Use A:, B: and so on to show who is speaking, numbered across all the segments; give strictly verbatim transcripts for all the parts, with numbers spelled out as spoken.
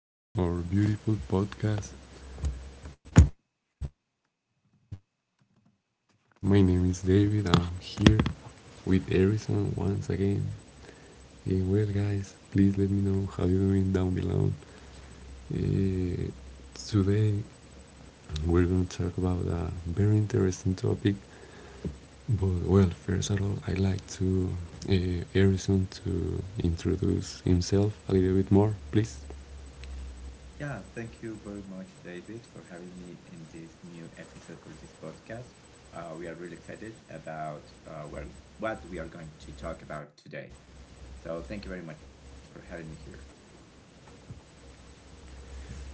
A: welcome to our beautiful podcast. My name is David. I'm here with Harrison once again. Eh, well, guys, please let me know how you're doing down below. Eh, Today, we're going to talk about a very interesting topic. But, well, first of all, I'd like to uh, Harrison to introduce himself a little bit more, please.
B: Yeah, thank you very much, David, for having me in this new episode for this podcast. Uh, we are really excited about uh, where, what we are going to talk about today. So, thank you very much for having me here.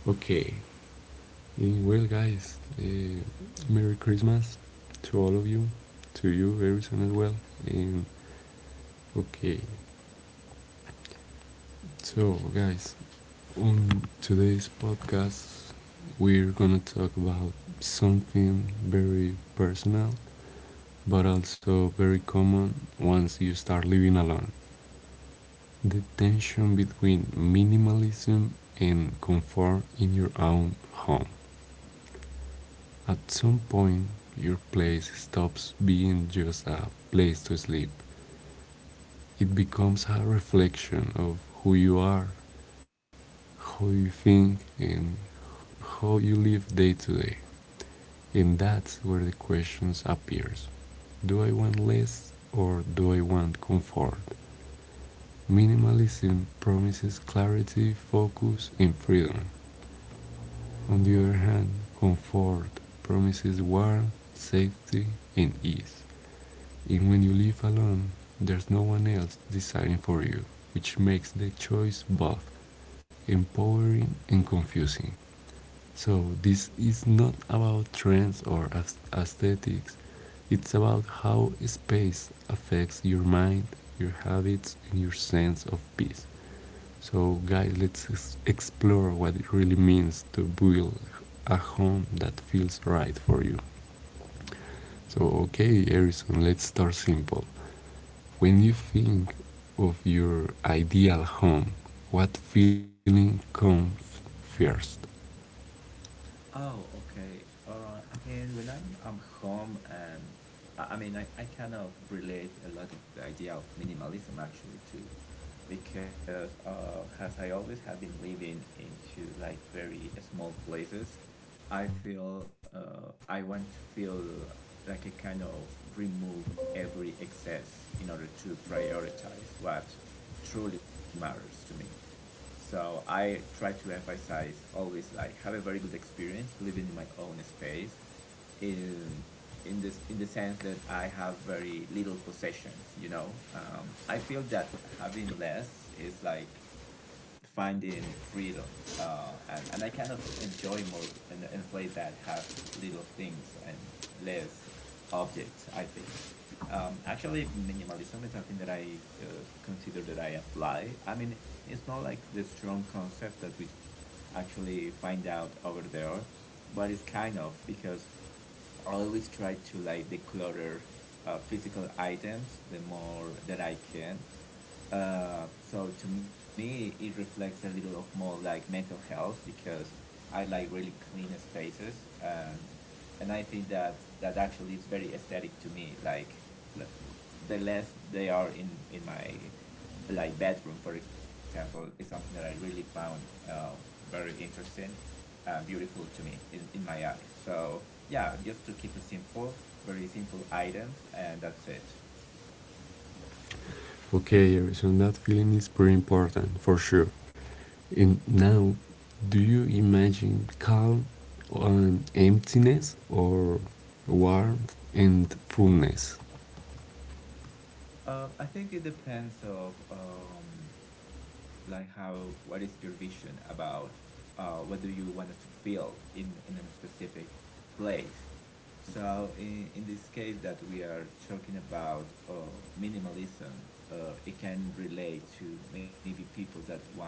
A: Okay. Eh, well, guys, eh, Merry Christmas to all of you, to you, Harrison, as well. Um, okay, so, guys, on today's podcast, we're gonna talk about something very personal, but also very common once you start living alone, the tension between minimalism and comfort in your own home. At some point, your place stops being just a place to sleep. It becomes a reflection of who you are, how you think, and how you live day to day. And that's where the questions appears. Do I want less or do I want comfort? Minimalism promises clarity, focus, and freedom. On the other hand, comfort promises warmth, safety, and ease. And when you live alone, there's no one else deciding for you, which makes the choice both empowering and confusing. So, this is not about trends or aesthetics, it's about how space affects your mind, your habits, and your sense of peace. So, guys, let's explore what it really means to build a home that feels right for you. So, okay, Harrison, let's start simple. When you think of your ideal home, what feeling comes first?
B: Oh, okay. Uh, I mean, when I'm I'm home, um, I, I mean, I, I kind of relate a lot of the idea of minimalism actually too, because uh, as I always have been living into like very small places, I feel uh, I want to feel like a kind of remove every excess in order to prioritize what truly matters to me. So I try to emphasize always like have a very good experience living in my own space in in this in the sense that I have very little possessions. You know, um, I feel that having less is like finding freedom, uh, and and I kind of enjoy more in a in place that have little things and less objects, I think. Um, actually, minimalism is something that I uh, consider that I apply. I mean, it's not like the strong concept that we f- actually find out over there, but it's kind of because I always try to like declutter uh, physical items the more that I can. Uh, so to me, it reflects a little of more like mental health because I like really clean spaces and and I think that that actually is very aesthetic to me. Like l- the less they are in in my like bedroom, for example, is something that I really found uh, very interesting and beautiful to me in, in my eyes. So yeah, just to keep it simple, very simple items, and that's it.
A: Okay, Harrison, that feeling is pretty important for sure. And now, do you imagine calm and emptiness or warmth and fullness?
B: Uh, I think it depends of um, like how what is your vision about uh, whether you want it to feel in in a specific place. So in, in this case that we are talking about uh, minimalism, uh, it can relate to maybe people that want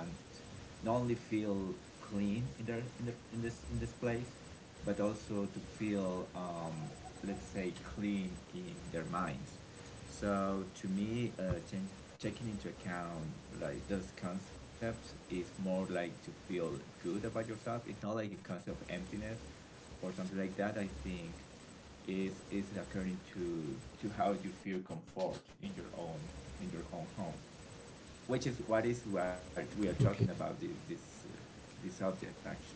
B: not only feel clean in their in their in this in this place, but also to feel, um, let's say, clean in their minds. So to me, uh, ten- taking into account like those concepts is more like to feel good about yourself. It's not like a concept of emptiness or something like that. I think is is according to to how you feel comfort in your own in your own home, which is what is what we are talking
A: Okay.
B: about this this uh, this subject actually.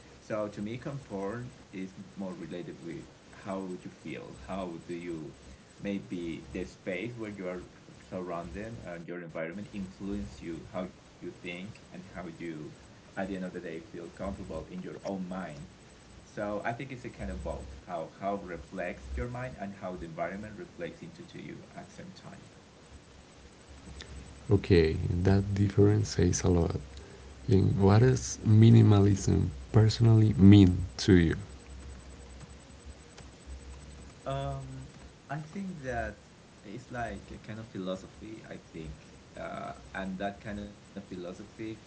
B: So to me, comfort is more related with how you feel, how do you, maybe the space where you are surrounded and your environment influence you, how you think and how you at the end of the day feel comfortable in your own mind. So I think it's a kind of both, how how reflects your mind and how the environment reflects into to you at the same time.
A: Okay, that difference says a lot. And what does minimalism personally mean to you?
B: Um, I think that it's like a kind of philosophy, I think. Uh, and that kind of philosophy can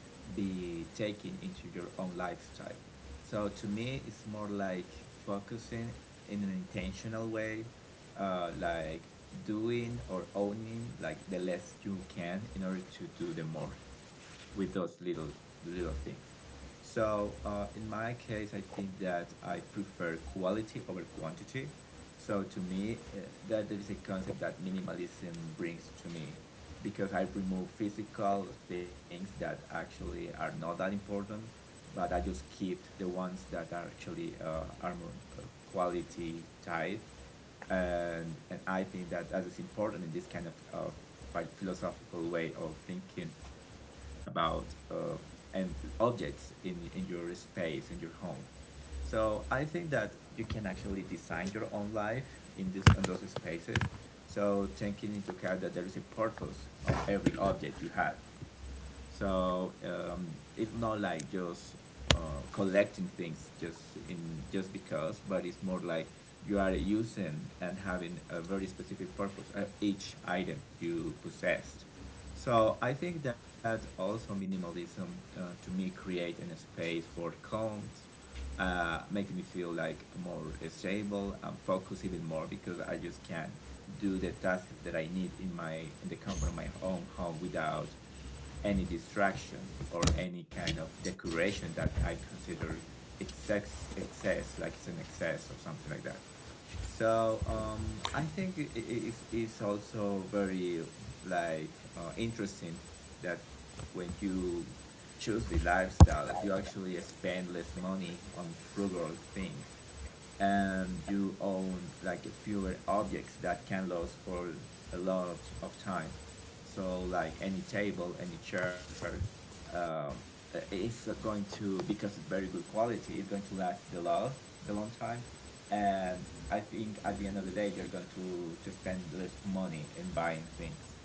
B: be taken into your own lifestyle. So to me, it's more like focusing in an intentional way, uh, like doing or owning like the less you can in order to do the more with those little little things. So uh, in my case, I think that I prefer quality over quantity. So to me, uh, that, that is a concept that minimalism brings to me because I remove physical things that actually are not that important, but I just keep the ones that are actually uh, are more uh, quality type, and, and I think that that is important in this kind of, of philosophical way of thinking about uh, and objects in in your space, in your home. So I think that you can actually design your own life in this on those spaces. So taking into account that there is a purpose of every object you had. So um, it's not like just uh, collecting things just in just because, but it's more like you are using and having a very specific purpose uh, each item you possessed. So I think that also minimalism uh, to me create a space for calms, uh, make me feel like more stable and focus even more because I just can do the tasks that I need in my in the comfort of my own home without any distraction or any kind of decoration that I consider excess excess like it's an excess or something like that. So um, I think i- i- it's, it's also very like uh, interesting that when you choose the lifestyle, you actually spend less money on frugal things and you own like fewer objects that can last for a lot of time. So like any table, any chair, um, i- it's going to, because it's very good quality, it's going to last the long the long time, and I think at the end of the day, you're going to to spend less money in buying things.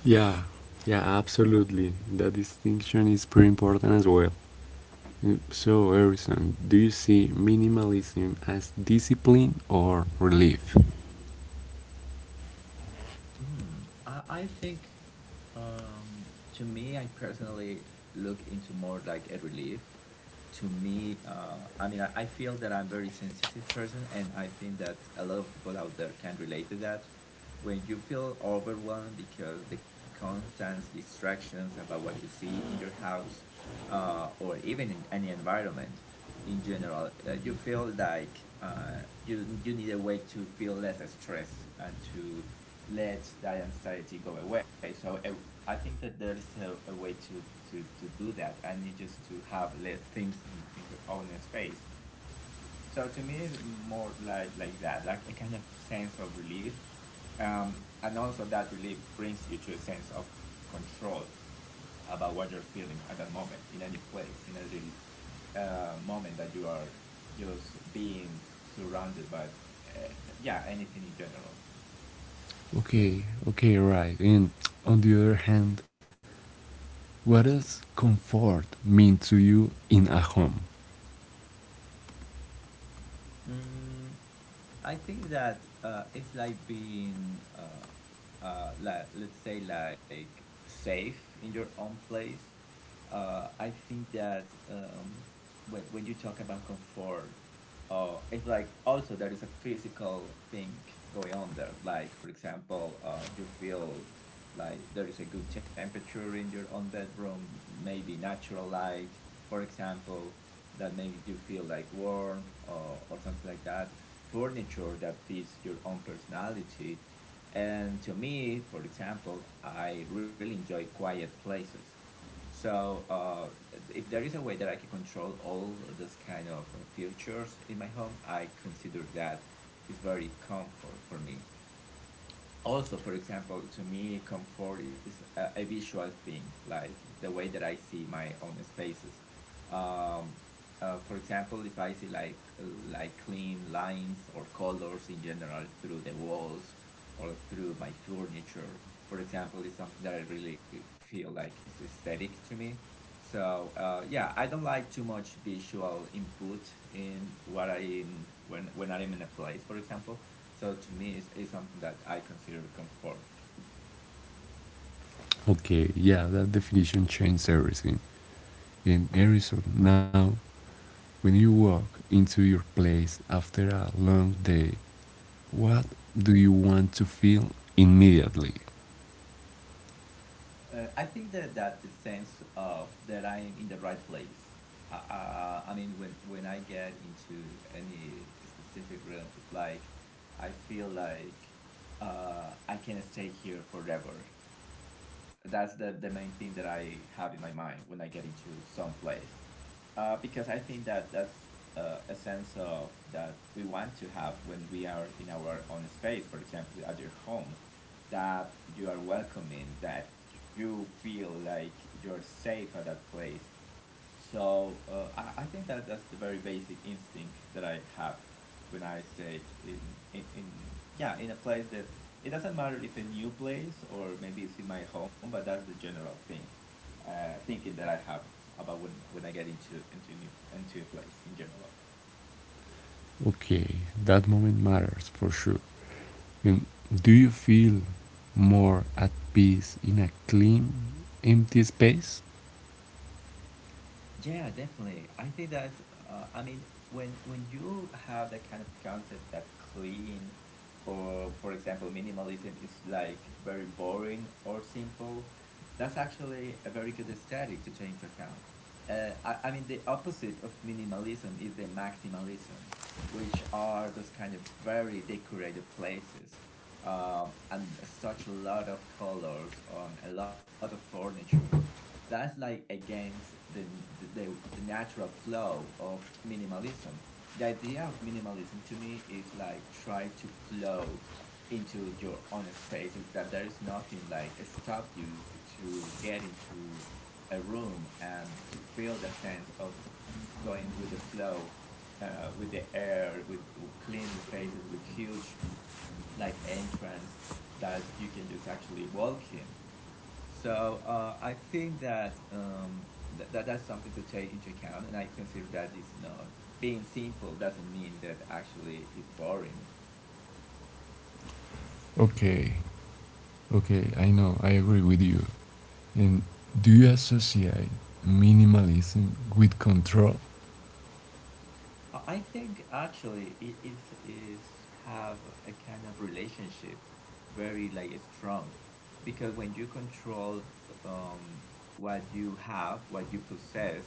A: Yeah, yeah, absolutely. That distinction is pretty important as well. So, Harrison, do you see minimalism as discipline or relief?
B: I, I think um, to me, I personally look into more like a relief. To me, uh, I mean, I, I feel that I'm very sensitive person, and I think that a lot of people out there can relate to that. When you feel overwhelmed because the constant distractions about what you see in your house uh, or even in any environment, in general. Uh, you feel like uh, you you need a way to feel less stress and to let that anxiety go away. So uh, I think that there is a, a way to, to, to do that, and it's just to have less things in, in your own space. So to me, it's more like like that, like a kind of sense of relief, um, and also that relief brings you to a sense of control about what you're feeling at that moment, in any place, in any uh, moment that you are just being surrounded by uh, yeah, anything in general.
A: Okay, okay, right. And on the other hand, what does comfort mean to you in a home?
B: Mm, I think that uh, it's like being, uh, uh, like, let's say, like safe in your own place. Uh, I think that um, when, when you talk about comfort, uh, it's like also there is a physical thing going on there. Like, for example, uh, you feel like there is a good temperature in your own bedroom, maybe natural light, for example, that make you feel like warm or, or something like that, furniture that fits your own personality. And to me, for example, I really enjoy quiet places. So uh, if there is a way that I can control all those kind of uh, features in my home, I consider that is very comfort for me. Also, for example, to me comfort is a, a visual thing, like the way that I see my own spaces. um, uh, for example, if I see like like clean lines or colors in general through the walls or through my furniture, for example, is something that I really feel like is aesthetic to me. So uh, yeah, I don't like too much visual input in what I am when when I am in a place, for example. So to me, it's, it's something that I consider comfort.
A: Okay, yeah, that definition changed everything. In Arizona now, when you walk into your place after a long day, what do you want to feel immediately?
B: Uh, I think that that the sense of that I'm in the right place. Uh, uh, I mean, when when I get into any specific room, it's like I feel like uh, I can stay here forever. That's the, the main thing that I have in my mind when I get into some place. Uh, because I think that that's uh, a sense of that we want to have when we are in our own space, for example, at your home, that you are welcoming, that you feel like you're safe at that place. So uh, I, I think that that's the very basic instinct that I have when I stay in, in, in yeah in a place that it doesn't matter if a new place or maybe it's in my home, but that's the general thing, uh, thinking that I have about when when I get into into new into a place in general.
A: Okay, that moment matters for sure. And do you feel more at peace in a clean, empty space?
B: Yeah, definitely. I think that's, uh, I mean, when when you have that kind of concept that clean or, for example, minimalism is like very boring or simple, that's actually a very good aesthetic to take into account. Uh, I, I mean, the opposite of minimalism is the maximalism, which are those kind of very decorated places, um, and such a lot of colors on a lot of furniture. That's like against the, the, the, the natural flow of minimalism. The idea of minimalism to me is like try to flow into your own spaces that there is nothing like stop you to get into a room and to feel that sense of going with the flow, uh, with the air, with clean spaces, with huge like entrance that you can just actually walk in. So uh, I think that um, th- that that's something to take into account, and I consider that is not being simple doesn't mean that actually it's boring.
A: Okay, okay, I know, I agree with you. And do you associate minimalism with control?
B: Uh, I think actually it is is have a kind of relationship very like strong because when you control um, what you have, what you possess,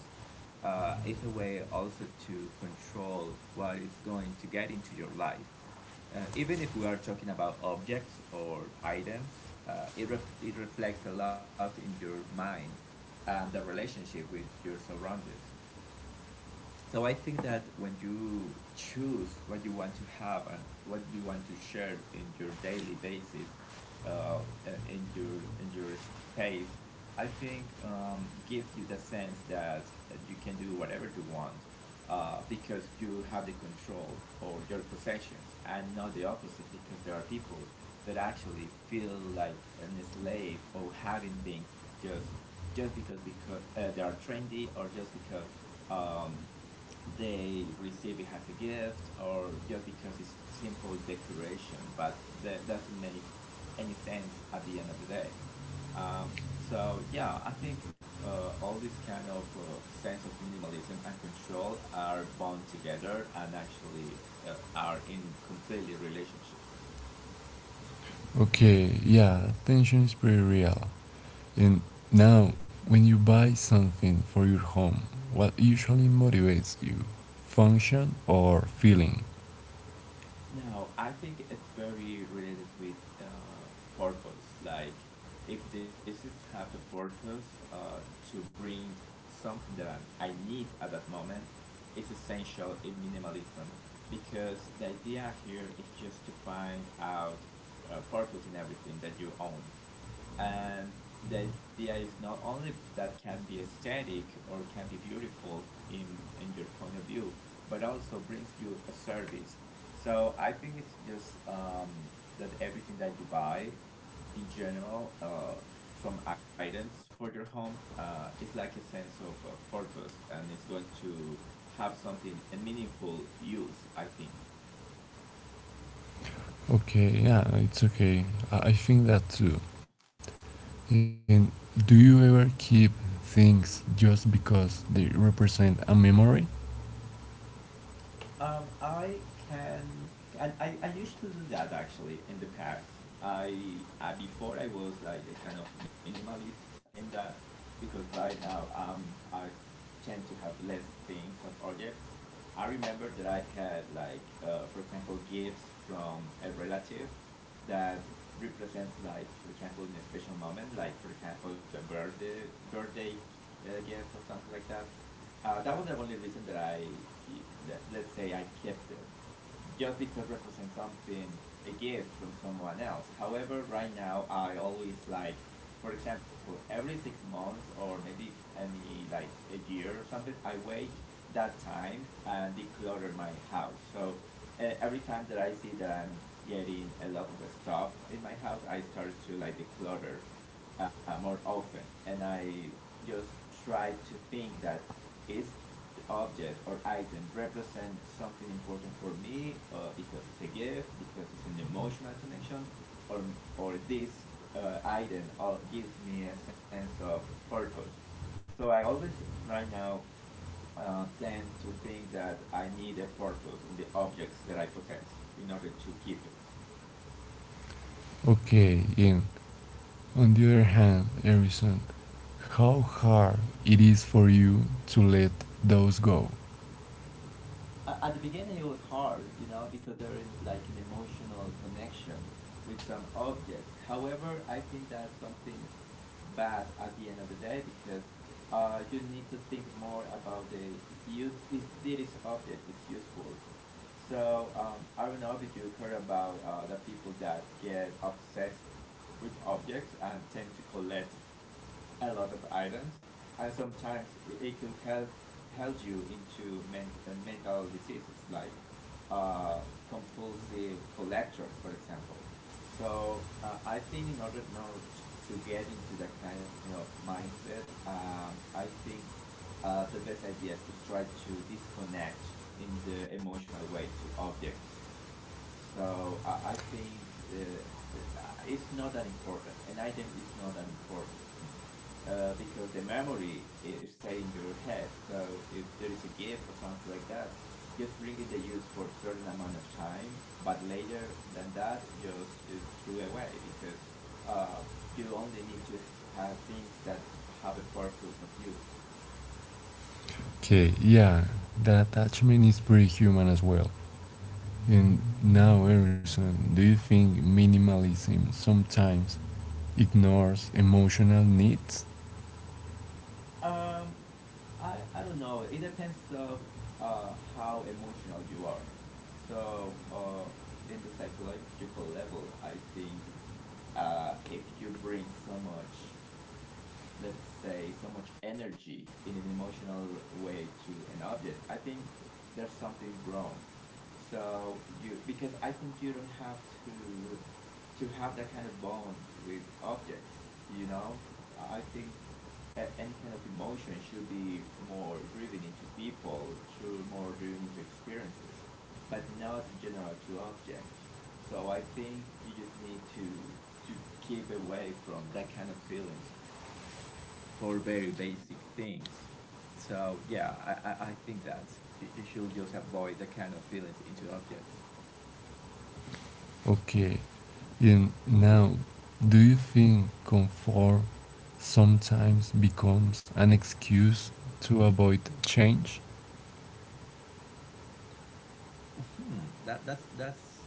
B: uh, it's a way also to control what is going to get into your life. Uh, even if we are talking about objects or items, uh, it, rep- it reflects a lot in your mind and the relationship with your surroundings, so I think that when you choose what you want to have and what you want to share in your daily basis, uh, uh, in your in your space, I think um, gives you the sense that you can do whatever you want uh, because you have the control over your possessions, and not the opposite because there are people that actually feel like an slave of having things just just because because uh, they are trendy or just because um, they receive it as a gift or just because it's simple decoration, but that doesn't make any sense at the end of the day. Um, so yeah, I think uh, all this kind of uh, sense of minimalism and control are bound together and actually uh, are in completely relationship.
A: Okay, yeah, tension is pretty real. And now, when you buy something for your home, what usually motivates you? Function or feeling?
B: No, I think it's very related with uh, purpose. Like, if this is have a purpose uh, to bring something that I'm, I need at that moment, it's essential in minimalism because the idea here is just to find out uh, purpose in everything that you own. And the idea is not only that can be aesthetic or can be beautiful in, in your point of view, but also brings you a service. So I think it's just um, that everything that you buy in general uh, from items for your home uh, is like a sense of uh, purpose and it's going to have something a meaningful use, I think.
A: Okay, yeah, it's okay. I I think that too. And do you ever keep things just because they represent a memory?
B: Um, I can, and I, I used to do that actually in the past. I, I before I was like a kind of minimalist in that because right now um I tend to have less things of objects. I remember that I had like uh, for example gifts from a relative that represents like for example in a special moment like for example a birthday birthday uh, gift or something like that uh, that was the only reason that I, let, let's say, I kept it, just because it represents something, a gift from someone else. However, right now I always like, for example, every six months or maybe any like a year or something, I wait that time and declutter my house. So uh, every time that I see that I'm getting a lot of stuff in my house, I start to like declutter uh, more often, and I just try to think that it's the object or item represents something important for me uh, because it's a gift, because it's an emotional connection, or, or this uh, item all gives me a sense of purpose. So I always, right now, uh, tend to think that I need a purpose in the objects that I possess in order to keep it.
A: Okay, and on the other hand, Harrison, how hard it is for you to let those go.
B: At the beginning it was hard, you know, because there is like an emotional connection with some objects. However, I think that's something bad at the end of the day because uh, you need to think more about the use if this object is useful, so um, I don't know if you heard about uh, the people that get obsessed with objects and tend to collect a lot of items, and sometimes it, it could help help you into men- uh, mental diseases like uh, compulsive collectors, for example. So uh, I think in order not to get into that kind of mindset, um, I think uh, the best ideas just try to disconnect in the emotional way to objects. So I I think uh, uh, it's not that important. An item is not that important uh, because the memory is stay in your head. So if there is a gift or something like that, just bring in the use for a certain amount of time. But later than that, just just throw away because uh, you only need to have things that have a purpose of use.
A: Okay, yeah, that attachment is pretty human as well. And now, Harrison, do you think minimalism sometimes ignores emotional needs?
B: Um, I, I don't know. It depends of uh, how emotional you are. So uh, in the psychological level, I think uh, if you bring so much, let's say, so much energy in an emotional way to an object, I think there's something wrong. So you because I think you don't have to to have that kind of bond with objects, you know. I think a- any kind of emotion should be more driven into people, should more driven into experiences, but not in general to objects. So I think you just need to to keep away from that kind of feelings for very basic things. So yeah, i i, I think that you, you should just avoid that kind of feelings into objects.
A: Okay, and now, do you think comfort sometimes becomes an excuse to avoid change?
B: Hmm, that that's that's.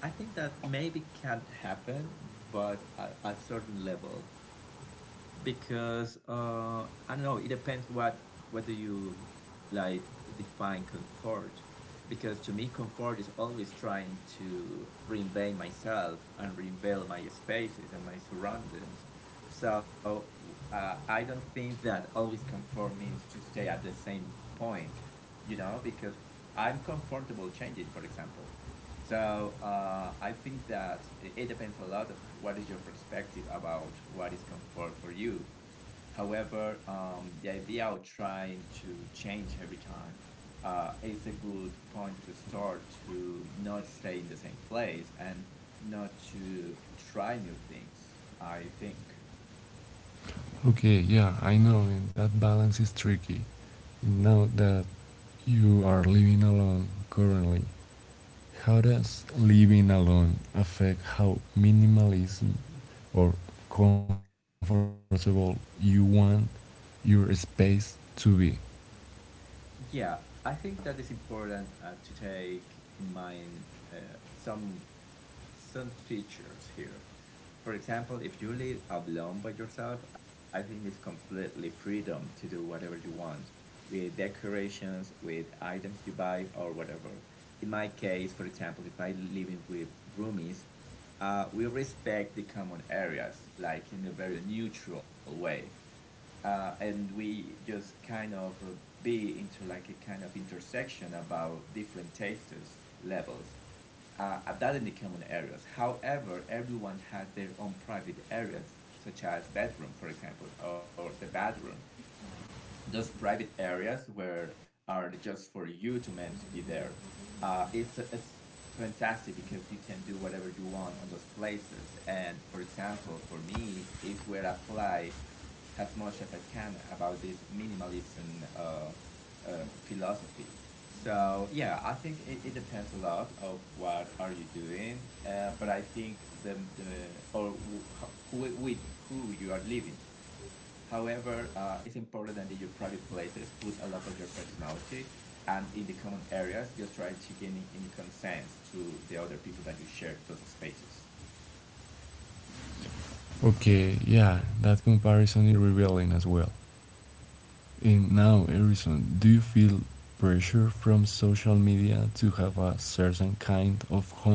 B: I think that maybe can happen, but at a certain level, because uh, I don't know. It depends what whether you like define comfort, because to me, comfort is always trying to reinvent myself and reinvent my spaces and my surroundings, so uh, I don't think that always conform means to stay at the same point, you know, because I'm comfortable changing, for example. So uh, I think that it depends a lot of what is your perspective about what is comfort for you. However, um, the idea of trying to change every time uh, is a good point to start to not stay in the same place and not to try new things, I think.
A: Okay, yeah, I know, that balance is tricky. Now that you are living alone currently, how does living alone affect how minimalism or comfortable you want your space to be?
B: Yeah, I think that is important uh, to take in mind uh, some some features here. For example, if you live alone by yourself, I think it's completely freedom to do whatever you want with decorations, with items you buy, or whatever. In my case, for example, if I living with roomies, uh, we respect the common areas like in a very neutral way uh, and we just kind of uh, be into like a kind of intersection about different tastes levels uh, uh, that in the common areas, however, everyone has their own private areas such as bedroom for example or the bathroom. Those private areas where are just for you to meant to be there, uh, it's, it's fantastic because you can do whatever you want on those places, and for example for me is where I apply as much as I can about this minimalism uh, uh, philosophy. So yeah, I think it, it depends a lot of what are you doing, uh, but I think the, the or wh- who, with who you are living. However, uh, it's important that in your private places, put a lot of your personality, and in the common areas, just try to gain any, any consent to the other people that you share those spaces.
A: Okay, yeah, that comparison is revealing as well. And now, Erison, do you feel pressure from social media to have a certain kind of home?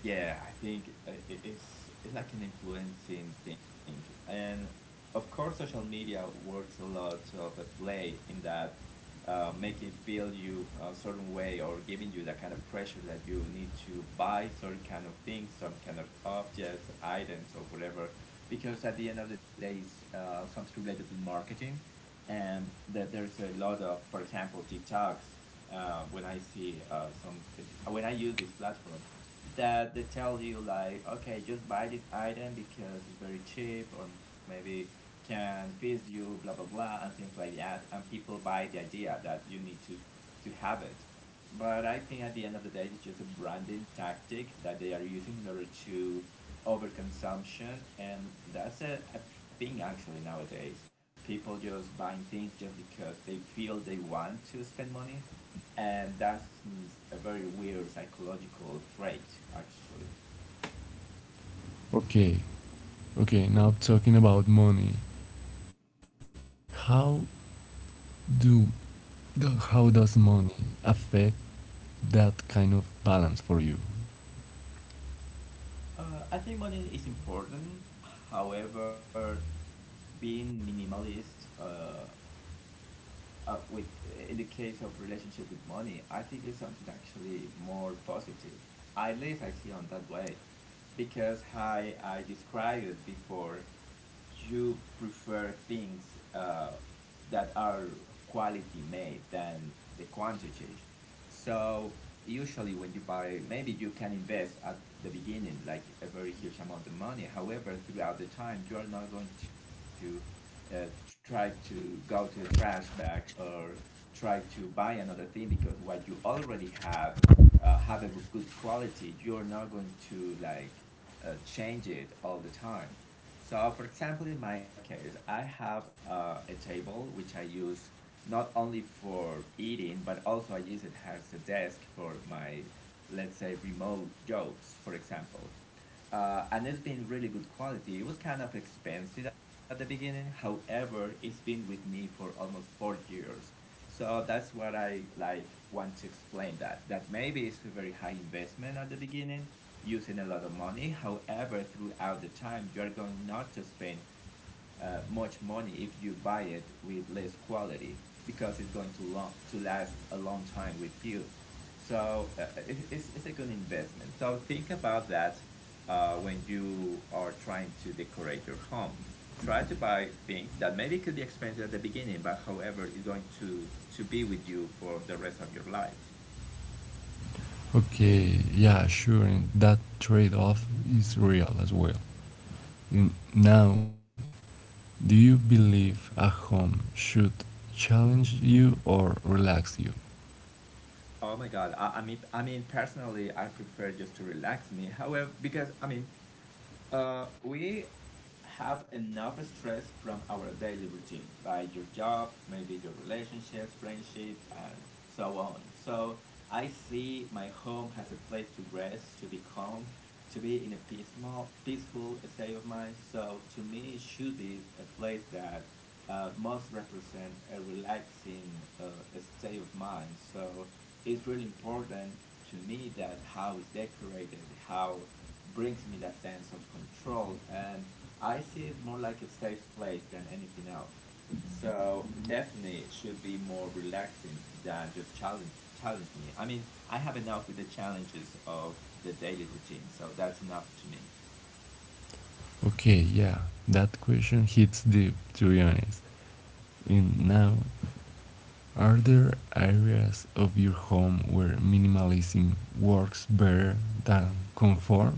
B: Yeah, I think uh, it- it's it's like an influencing thing, and of course, social media works a lot of a play in that. Uh, making feel you a certain way or giving you that kind of pressure that you need to buy certain kind of things, some kind of objects, items, or whatever, because at the end of the day, it's uh, something related to marketing, and that there's a lot of, for example, TikToks. Uh, when I see uh, some, when I use this platform, that they tell you like okay just buy this item because it's very cheap or maybe can feed you blah blah blah and things like that, and people buy the idea that you need to to have it. But I think at the end of the day, it's just a branding tactic that they are using in order to overconsumption, and that's a, a thing actually nowadays. People just buying things just because they feel they want to spend money, and that's a very weird psychological trait actually.
A: Okay, okay, now talking about money. How do the- how does money affect that kind of balance for you?
B: uh, I think money is important. However, being minimalist uh, uh, with in the case of relationship with money, I think it's something actually more positive, at least I see on that way, because how I described it before, you prefer things uh, that are quality made than the quantity. So usually when you buy, maybe you can invest at the beginning like a very huge amount of money. However, throughout the time, you are not going to uh, try to go to the trash bag or try to buy another thing because what you already have uh, have a good quality. You're not going to like uh, change it all the time. So, for example, in my case, I have uh, a table which I use not only for eating, but also I use it as a desk for my, let's say, remote jobs, for example. Uh, and it's been really good quality. It was kind of expensive at the beginning. However, it's been with me for almost four years. So that's what I like want to explain that that maybe it's a very high investment at the beginning, using a lot of money. However, throughout the time, you are going not to spend uh, much money if you buy it with less quality because it's going to long to last a long time with you. So uh, it, it's, it's a good investment. So think about that uh, when you are trying to decorate your home. Try to buy things that maybe could be expensive at the beginning, but however, is going to to be with you for the rest of your life.
A: Okay, yeah, sure, and that trade-off is real as well. N- Now, do you believe a home should challenge you or relax you?
B: Oh my God! I, I mean, I mean, personally, I prefer just to relax me. However, because I mean, Uh, we have enough stress from our daily routine, like your job, maybe your relationships, friendships, and so on. So I see my home as a place to rest, to be calm, to be in a peaceful, peaceful state of mind. So to me, it should be a place that uh, must represent a relaxing uh, state of mind. So it's really important to me that how it's decorated, how brings me that sense of control, and I see it more like a safe place than anything else. So definitely it should be more relaxing than just challenge challenge me. I mean, I have enough with the challenges of the daily routine, so that's enough to me.
A: Okay, yeah, that question hits deep, to be honest. And now, are there areas of your home where minimalism works better than conform?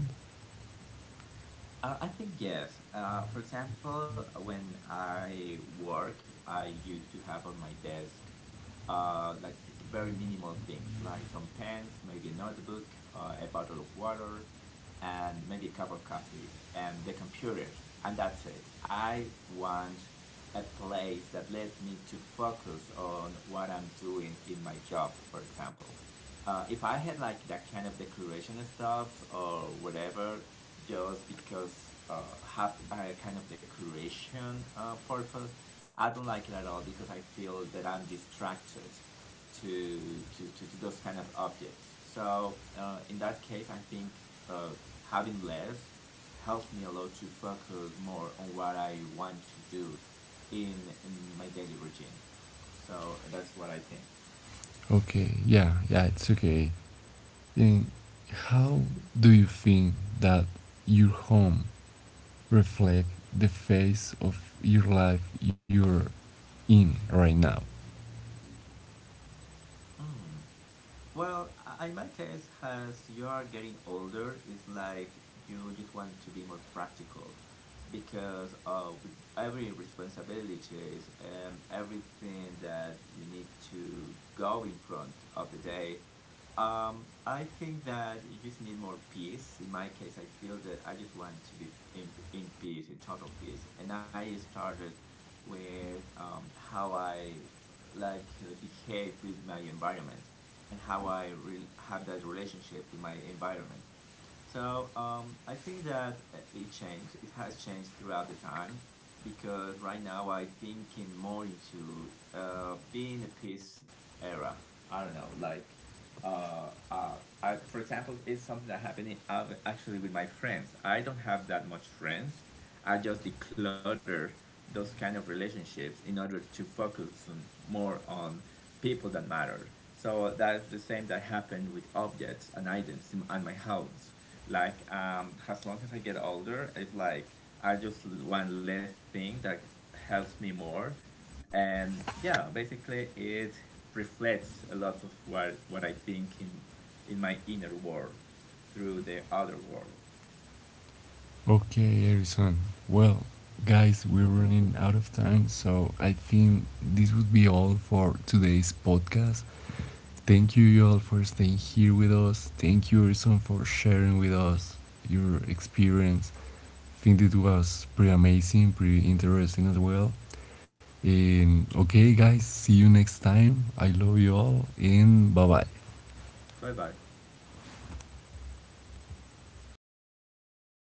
B: Uh, I think yes. Uh, for example, when I work, I used to have on my desk uh, like very minimal things, like some pens, maybe a notebook, uh, a bottle of water, and maybe a cup of coffee, and the computer, and that's it. I want a place that lets me to focus on what I'm doing in my job, for example uh, if I had like that kind of decoration stuff or whatever, just because uh, have a kind of decoration uh, purpose, I don't like it at all because I feel that I'm distracted to to, to, to those kind of objects. So uh, in that case, I think uh, having less helps me a lot to focus more on what I want to do in, in my daily routine. So that's what I think.
A: Okay, yeah, yeah, it's okay. Then, how do you think that your home reflects the phase of your life you're in right now?
B: Mm. Well, I- in my case, as you are getting older, it's like you just want to be more practical because uh, with every responsibilities and everything that you need to go in front of the day, um, I think that you just need more peace. In my case, I feel that I just want to be in, in peace, in total peace. And I started with um, how I like uh, behave with my environment and how I re- have that relationship with my environment. So um, I think that uh, it changed. It has changed throughout the time because right now I thinking more into uh, being a peace era. I don't know, like uh, uh, I, for example, it's something that happening uh, actually with my friends. I don't have that much friends. I just declutter those kind of relationships in order to focus on, more on people that matter. So that's the same that happened with objects and items in, at my house. Like um, as long as I get older, it's like I just want less thing that helps me more, and yeah, basically it reflects a lot of what what I think in in my inner world through the outer world.
A: Okay, Erison. Well, guys, we're running out of time, so I think this would be all for today's podcast. Thank you all for staying here with us. Thank you, Erison, for sharing with us your experience. I think it was pretty amazing, pretty interesting as well. And okay, guys, see you next time. I love you all, and bye bye.
B: Bye bye.